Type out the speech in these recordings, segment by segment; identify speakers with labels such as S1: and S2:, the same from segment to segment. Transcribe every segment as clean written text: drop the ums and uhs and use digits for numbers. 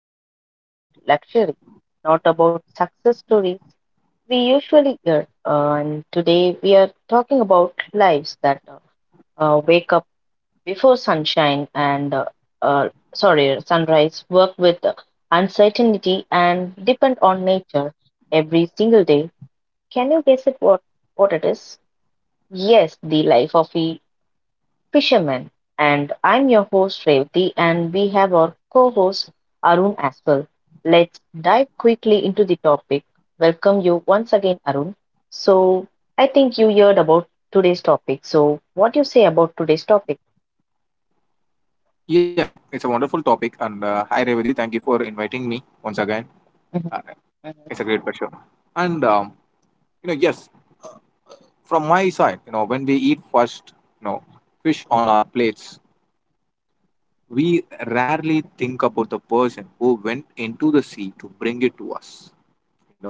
S1: is not about luxury, not about success stories we usually hear. And today we are talking about lives that wake up before sunshine and uh, sorry, sunrise, work with uncertainty and depend on nature every single day. Can you guess it what it is? Yes, the life of a fisherman, and I'm your host Revati, and we have our co-host Arun as well. Let's dive quickly into the topic. Welcome you once again, Arun. So I think you heard about today's topic. So what do you say about today's topic?
S2: Yes, it's a wonderful topic, and hi Revati, thank you for inviting me once again.
S1: Mhm.
S2: Uh,
S1: Mhm.
S2: it's a great pleasure. And you know, yes, From my side, when we eat first, you know, fish on our plates, we rarely think about the person who went into the sea to bring it to us. You know,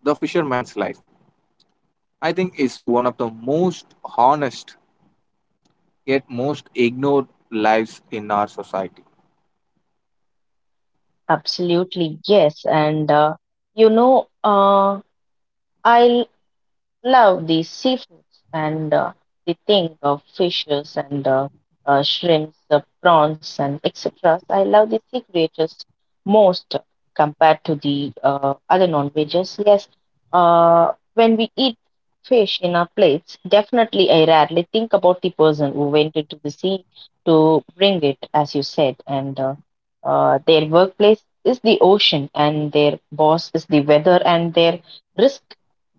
S2: the fisherman's life, I think, is one of the most honest yet most ignored lives in our society.
S1: Absolutely, yes. You know, uh, I love the seafoods and the thing of fishes and shrimps, prawns and etc. I love the sea creatures most compared to the other non-veggies. Yes, when we eat fish in our plates, definitely I rarely think about the person who went into the sea to bring it, as you said, and their workplace is the ocean and their boss is the weather and their risk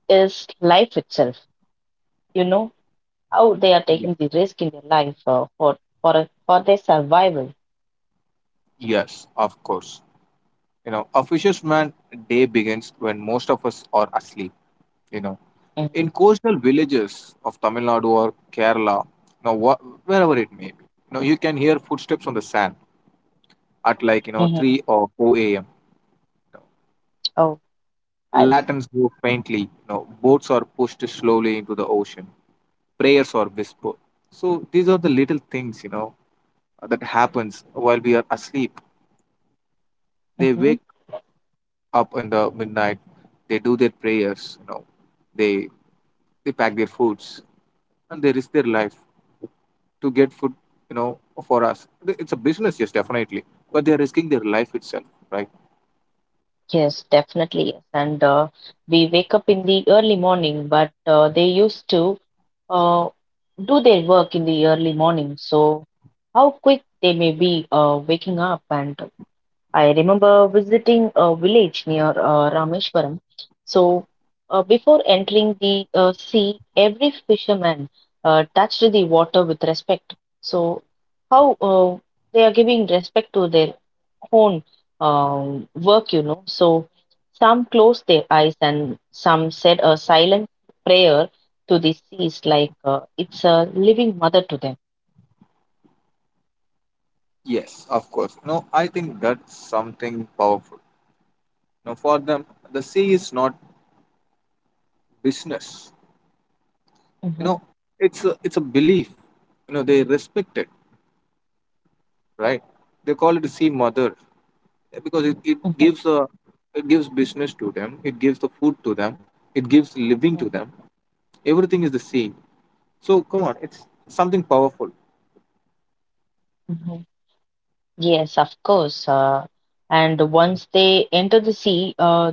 S1: is life itself. You know how they are
S2: Yeah.
S1: taking the risk in their life for for their survival.
S2: Yes, of course. A fisherman's day begins when most of us are asleep. You know,
S1: Mm-hmm.
S2: in coastal villages of Tamil Nadu or Kerala, wherever it may be, you can hear footsteps on the sand at like
S1: Mm-hmm.
S2: three or four a.m.
S1: Oh, I see.
S2: Lanterns glow faintly. You know, boats are pushed slowly into the ocean. Prayers are whispered. So these are the little things that happens while we are asleep. They
S1: Hmm.
S2: wake up in the midnight. They do their prayers. You know, they they pack their foods and they risk their life to get food. You know, for us, it's a business, yes, definitely. But they are risking their life itself, right?
S1: Yes, definitely. Yes. And We wake up in the early morning, but they used to uh, do their work in the early morning. So how quick they may be waking up. And I remember visiting a village near Rameshwaram. So, before entering the sea, every fisherman touched the water with respect. So, how they are giving respect to their own work, you know. So, some closed their eyes and some said a silent prayer to the seas, like it's a living mother to them.
S2: Yes, of course. No, I think that's something powerful. Now, for them, the sea is not business. You
S1: Hmm.
S2: know, it's a belief. You know, they respect it, right? They call it sea mother, because it gives a, it gives business to them, it gives the food to them, it gives living to them, everything is the same, so come on, it's something powerful.
S1: Hmm. Yes, of course. And once they enter the sea,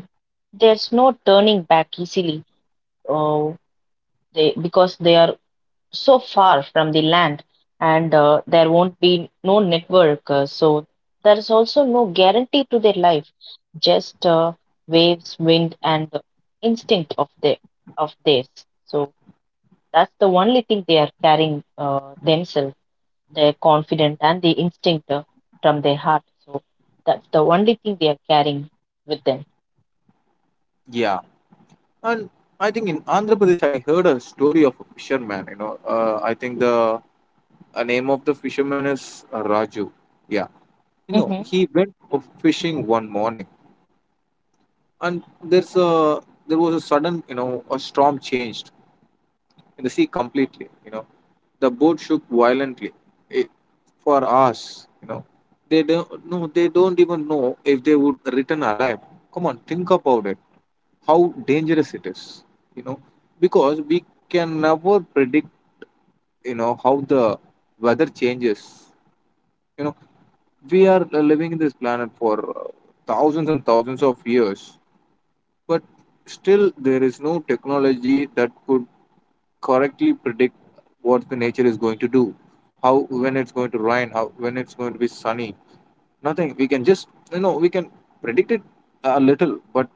S1: there's no turning back easily. Uh, they because they are so far from the land, and there won't be no network. So there is also no guarantee to their life. Just waves, wind, and the instinct of the of theirs. So that's the only thing they are carrying themselves. They're confident and the instinct from their heart. So that's the only thing they are carrying with them.
S2: Yeah, and I think in Andhra Pradesh I heard a story of a fisherman, I think the name of the fisherman is Raju. Yeah, you know
S1: Hmm.
S2: he went for fishing one morning, and there's a there was a sudden, a storm changed in the sea completely. You know, the boat shook violently. For us, you know, they don't even know if they would return alive. Come on, think about it. How dangerous it is. You know, because we can never predict. You know how the weather changes. You know, we are living in this planet for thousands and thousands of years, but still there is no technology that could correctly predict what the nature is going to do, how when it's going to rain, how when it's going to be sunny. Nothing. We can just, you know, we can predict it a little, but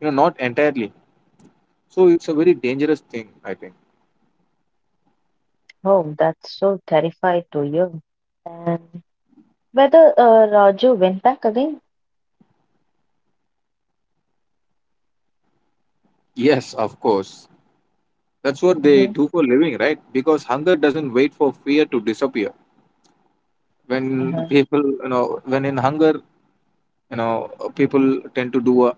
S2: you know not entirely. So it's a very dangerous thing, I think.
S1: Oh, that's so terrified to you. And whether Raju went back again?
S2: Yes, of course. That's what they
S1: Hmm.
S2: do for living, right? Because hunger doesn't wait for fear to disappear. When
S1: Hmm.
S2: people, when in hunger, you know, people tend to do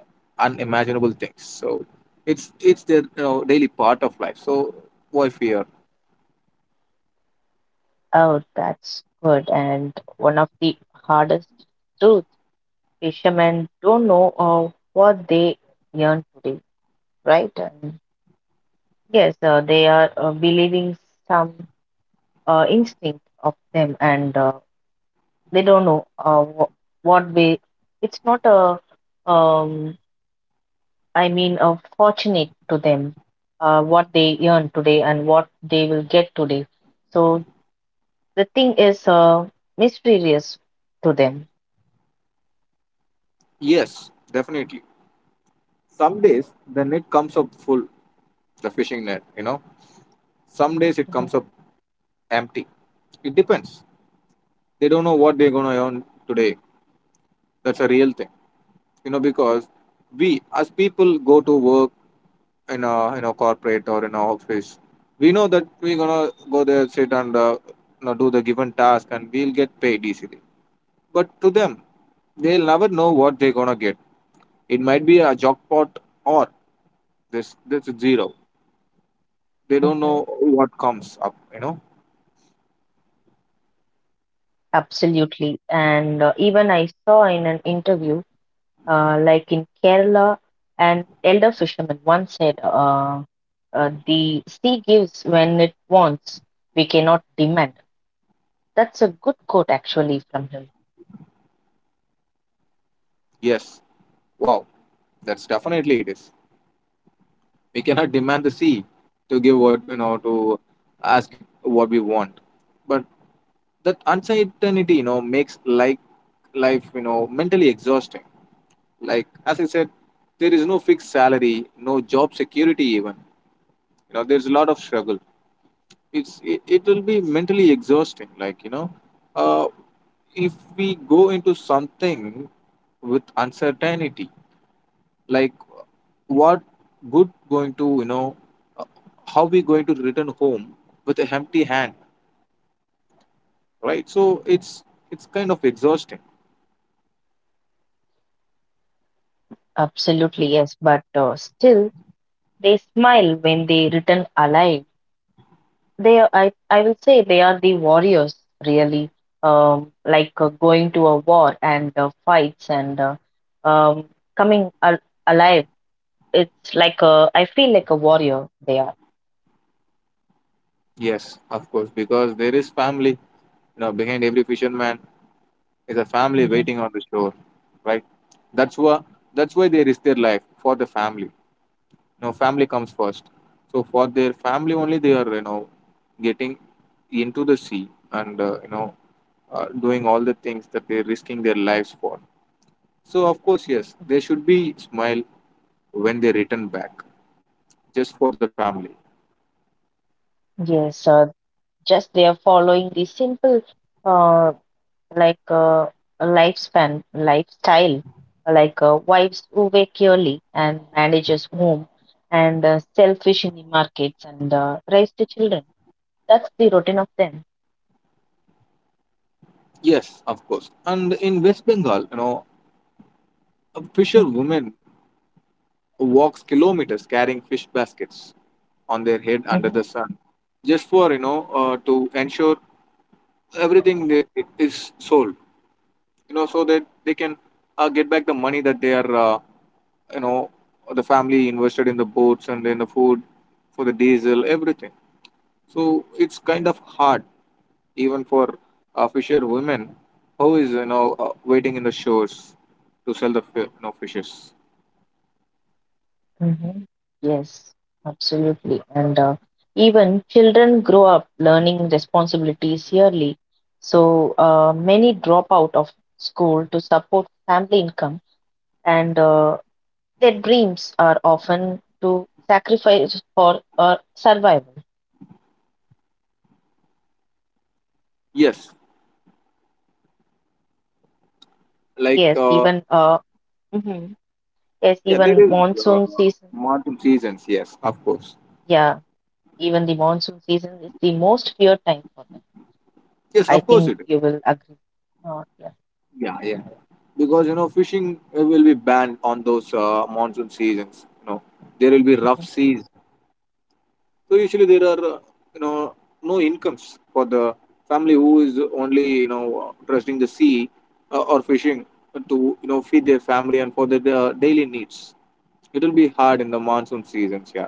S2: unimaginable things. So it's their, you know, daily part of life. So why fear?
S1: Oh, that's good. And one of the hardest truths, fishermen don't know what they yearn today, right? And yes, they are believing some instinct of them, and they don't know what way. It's not a, um, I mean, a fortunate to them what they earn today and what they will get today. So the thing is mysterious to them.
S2: Yes, definitely. Some days the net comes up full, the fishing net, you know, some days it
S1: Mhm.
S2: comes up empty. It depends. They don't know what they're going to earn today. That's a real thing, you know, because we as people go to work in a corporate or in a office, we know that we're gonna go there, sit and, you know, do the given task, and we'll get paid easily. But to them, they'll never know what they're gonna get. It might be a jackpot or this zero. They don't
S1: Mhm.
S2: know what comes up. You know,
S1: Absolutely. And Even I saw in an interview, like in Kerala, an elder fisherman once said, the sea gives when it wants. We cannot demand. That's a good quote, actually, from him.
S2: yes, wow, that's definitely it is. We cannot demand the sea to give, what you know, to ask it what we want. But that uncertainty, you know, makes like life, you know, mentally exhausting. Like as I said, there is no fixed salary, no job security even, you know, there's a lot of struggle. It will be mentally exhausting, like, you know, uh, if we go into something with uncertainty, like what good going to, you know, uh, how we going to return home with a empty hand, right? So it's kind of exhausting.
S1: Absolutely, yes. But still, they smile when they return alive. I will say, they are the warriors, really. Like going to a war and fights and um, coming al alive. It's like a, I feel like a warrior. They are.
S2: Yes, of course, because there is family, you know, behind every fisherman is a family
S1: Mhm.
S2: waiting on the shore, right? That's why that's why they risk their life for the family. You know, family comes first. So for their family only they are, you know, getting into the sea and, you know, doing all the things that they're risking their lives for. So of course, yes, they should be smile when they return back, just for the family.
S1: Yes, just they are following the simple uh, like a lifespan, lifestyle, like wives who wake early and manages home and sell in the markets and raise the children. That's the routine of them.
S2: Yes, of course. And in West Bengal, you know, a
S1: Hmm.
S2: fisherwoman walks kilometers carrying fish baskets on their head under the sun, just for, to ensure everything is sold. You know, so that they can, get back the money that they are, you know, the family invested in the boats and in the food for the diesel, everything. So it's kind of hard even for fisher women who is, waiting in the shores to sell the you know, fishes.
S1: Hmm. Yes, absolutely. And Even children grow up learning responsibilities yearly. So many drop out of school to support family income. And Their dreams are often to sacrifice for survival.
S2: Yes, like
S1: Yes, even mhm. Yes,
S2: yeah, there
S1: even
S2: is uh,
S1: monsoon season.
S2: monsoon seasons. Yes, of course.
S1: Yeah, even the monsoon season is the most feared time for them.
S2: Yes,
S1: I
S2: of course
S1: think
S2: it is.
S1: you will agree. Yeah.
S2: Yeah, yeah. Because you know fishing will be banned on those monsoon seasons. You know there will be rough
S1: Mhm.
S2: seas. So usually there are, you know no incomes for the family who is only, you know, trusting the sea or fishing to, you know, feed their family and for their daily needs. It will be hard in the monsoon seasons. Yeah.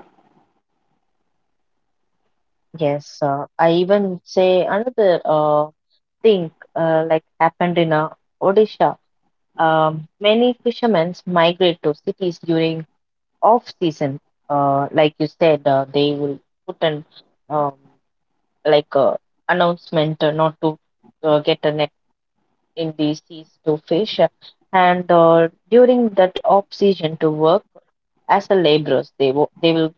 S1: Yes, I even say another thing like happened in Odisha. Many fishermen migrate to cities during off season, like you said, they will put an um, like uh, announcement not to get a net in the seas to fish, and during that off season to work as a laborers, they will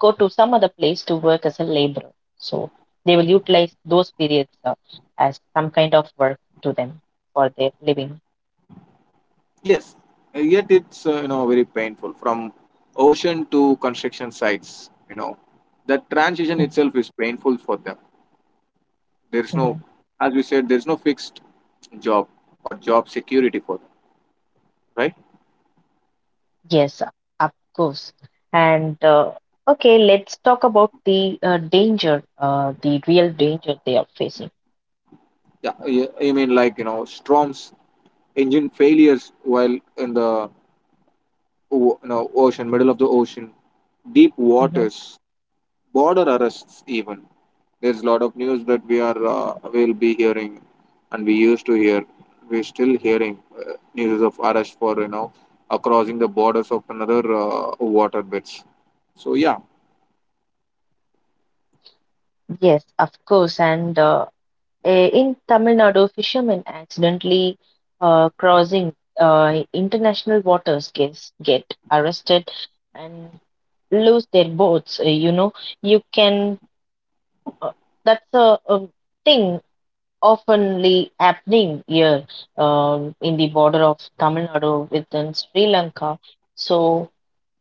S1: go to some other place to work as a laborer. So they will utilize those periods as some kind of work to them for their living.
S2: Yes. Yet it's, you know, very painful from ocean to construction sites. You know that transition
S1: Mhm.
S2: itself is painful for them. There is no,
S1: Mhm.
S2: As we said, there is no fixed job or job security for them. Right.
S1: Yes, of course. And Okay, let's talk about the danger, the real danger they are facing.
S2: Yeah, you mean like you know storms, engine failures while in the you know, ocean, middle of the ocean, deep
S1: Hmm.
S2: waters, border arrests. Even there's a lot of news that we are, will be hearing, and we used to hear. We're still hearing news of arrest for, you know, crossing the borders of another water bits. So yeah,
S1: Yes, of course. In Tamil Nadu, fishermen accidentally crossing international waters get arrested and lose their boats. You know, you can, uh, that's a thing oftenly happening here in the border of Tamil Nadu within Sri Lanka. So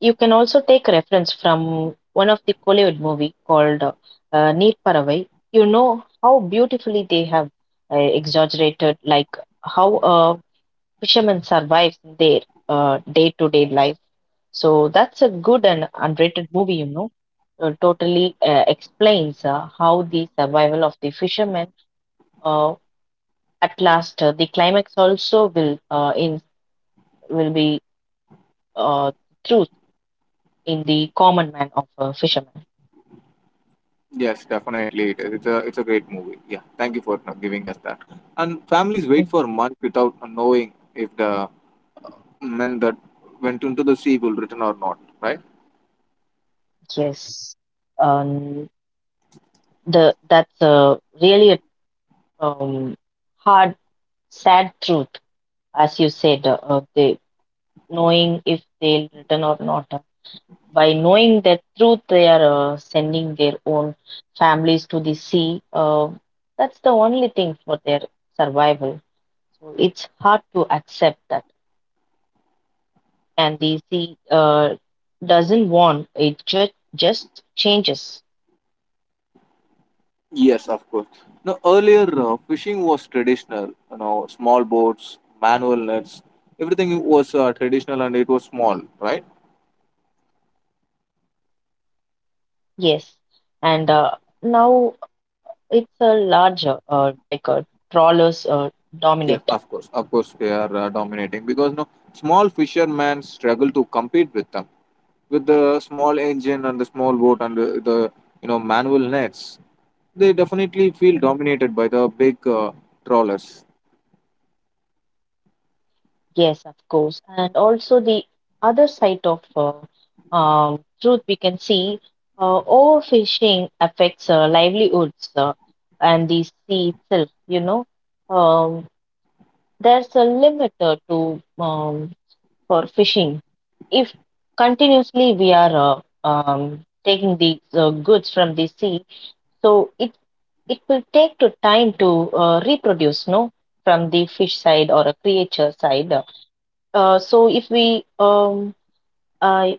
S1: you can also take reference from one of the Kollywood movie called Neer Paravai. You know how beautifully they have exaggerated like how a fisherman survives in their day-to-day life. So that's a good and underrated movie, you know. Totally explains how the survival of the fishermen uh, at last, the climax also will in will be uh, truth in the common man of a fisherman.
S2: yes, definitely it is. It's a great movie. Yeah, thank you for, you know, giving us that. And families wait
S1: Mhm.
S2: for months without knowing if the men that went into the sea will return or not, right?
S1: Yes, um, the that's really a um, hard, sad truth, as you said. They knowing if they'll return or not. By knowing that truth, they are sending their own families to the sea. That's the only thing for their survival. So it's hard to accept that. And the sea doesn't want it, just changes.
S2: Yes, of course. Now, earlier fishing was traditional, you know, small boats, manual nets, everything was traditional and it was small, right?
S1: Yes, and now it's a larger like a trawlers dominant.
S2: Yes, of course, they are dominating, because no small fishermen struggle to compete with them, with the small engine and the small boat and the, you know, manual nets. They definitely
S1: Mhm.
S2: feel dominated by the big trawlers.
S1: Yes, of course, and also the other side of truth we can see overfishing affects livelihoods and the sea itself, you know, um, there's a limit to um, for fishing. If continuously we are taking these goods from the sea, so it will take to time to reproduce, no, from the fish side or a creature side. So if we uh,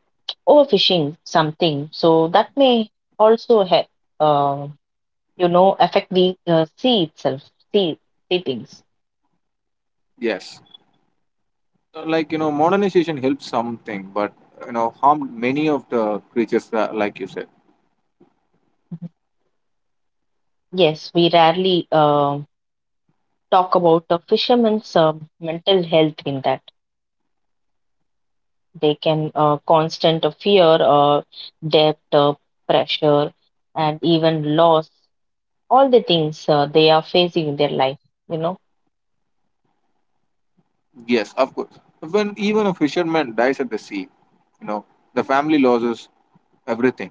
S1: overfishing something, so that may also have, uh, you know, affect the sea itself, sea, sea things.
S2: Yes. Like, you know, modernization helps something but you know harmed many of the creatures that, like you said.
S1: Yes, we rarely talk about the fishermen's mental health in that they can constant fear, debt, pressure and even loss, all the things they are facing in their life, you know.
S2: Yes, of course. When even a fisherman dies at the sea, you know, the family loses everything.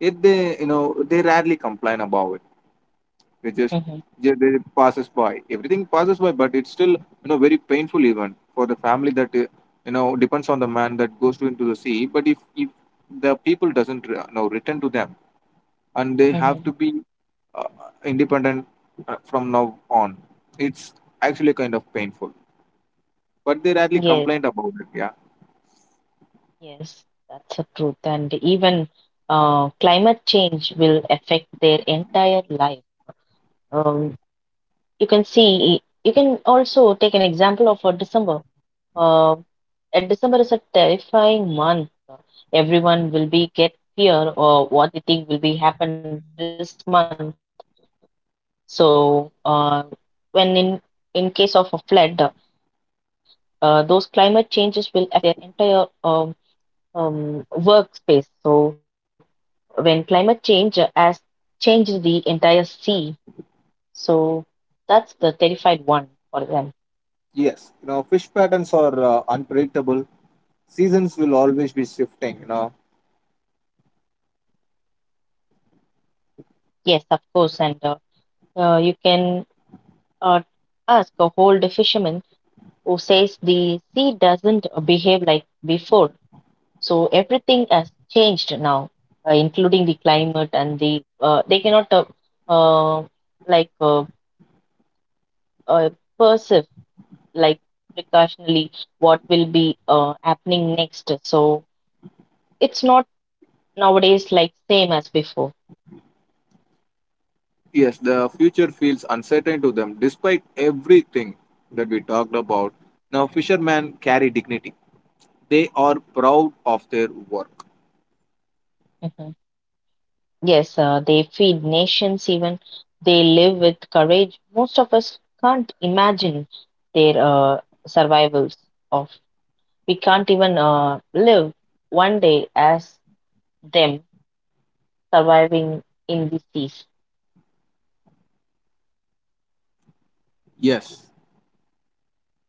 S2: It they You know, they rarely complain about it. They just,
S1: Hmm.
S2: they passes by, everything passes by, but it's still, you know, very painful even for the family that, you know, depends on the man that goes to into the sea. But if the people doesn't, you know, return to them, and they have
S1: Hmm.
S2: to be uh, independent from now on. It's actually kind of painful, but they rarely
S1: Yes.
S2: complained about it. Yeah.
S1: Yes, that's the truth. And even climate change will affect their entire life. um, you can see, you can also take an example of december uh, and December is a terrifying month. Everyone will be get fear or what they think will be happen this month. So uh, when in case of a flood, those climate changes will affect their entire workspace. So when climate change has changed the entire sea, so that's the terrified one for them.
S2: Yes, you know, fish patterns are unpredictable. Seasons will always be shifting, you know.
S1: Yes, of course, and you can uh, ask a whole fisherman who says the sea doesn't behave like before. So everything has changed now, including the climate, and the they cannot uh, like uh, uh, perceive like precautionally what will be happening next. So it's not nowadays like same as before.
S2: Yes, the future feels uncertain to them despite everything that we talked about. Now, fishermen carry dignity, they are proud of their work.
S1: Mhm. Yes, they feed nations even. They live with courage. Most of us can't imagine their survivals of. We can't even live one day as them surviving in the seas.
S2: Yes.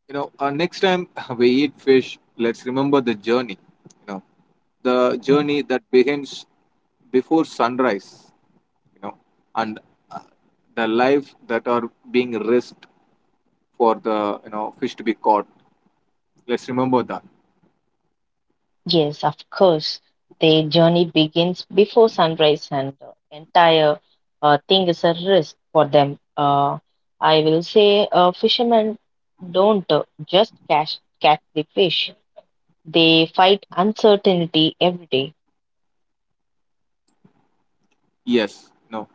S2: You know, next time we eat fish, let's remember the journey. You know, the
S1: Mhm.
S2: journey that begins before sunrise, you know, and, uh, the life that are being risked for the, you know, fish to be caught. Let's remember that.
S1: Yes, of course. The journey begins before sunrise, and the entire thing is a risk for them. I will say, fishermen don't just catch the fish; they fight uncertainty every day.
S2: Yes, you know,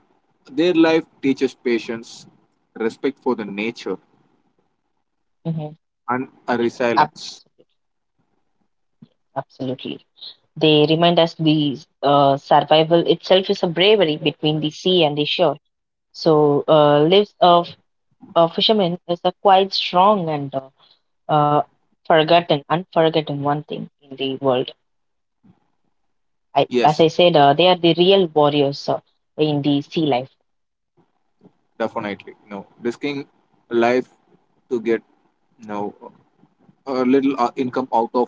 S2: their life teaches patience, respect for the nature,
S1: Mhm.
S2: and a
S1: Ab-
S2: resilience.
S1: Absolutely. They remind us the survival itself is a bravery between the sea and the shore. So, lives of a fisherman is a quite strong and uh, forgotten, unforgotten one thing in the world. I, as
S2: Yes,
S1: I said, they are the real warriors in the sea life.
S2: definitely. You know, risking life to get, you know, a little income out of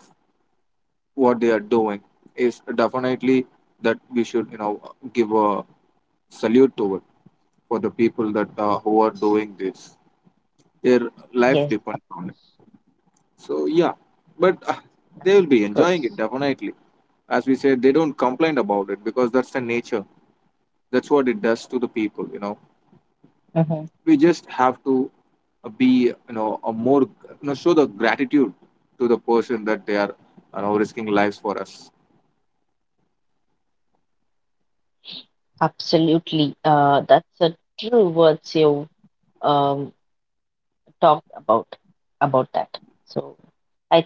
S2: what they are doing is definitely that we should, you know, give a salute to it, for the people that, who are doing this. Their life
S1: Yes,
S2: depends
S1: of
S2: on it.
S1: course,
S2: So yeah, but
S1: of
S2: they
S1: course.
S2: will be enjoying it definitely. As we said, they don't complain about it because that's the nature. That's what it does to the people. You
S1: Hmm.
S2: know, we just have to be, you know, a more, you know, show the gratitude to the person that they are, you know, risking lives for us.
S1: Absolutely. That's a true words you um, talked about that. So.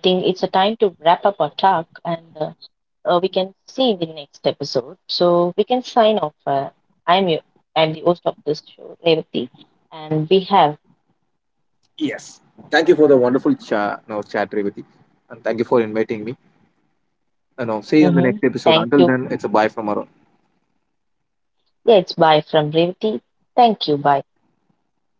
S1: I think it's a time to wrap up our talk, and we can see in the next episode. So we can sign off. I'm your, I'm the host of this show, Revati, and we have.
S2: Yes. Thank you for the wonderful cha you know, chat Revati. And thank you for inviting me. You know, see you in the next episode. Until
S1: Hmm.
S2: then, it's a bye
S1: Thank
S2: from
S1: you.
S2: our
S1: Yeah, it's bye from Revati. Thank you. Bye.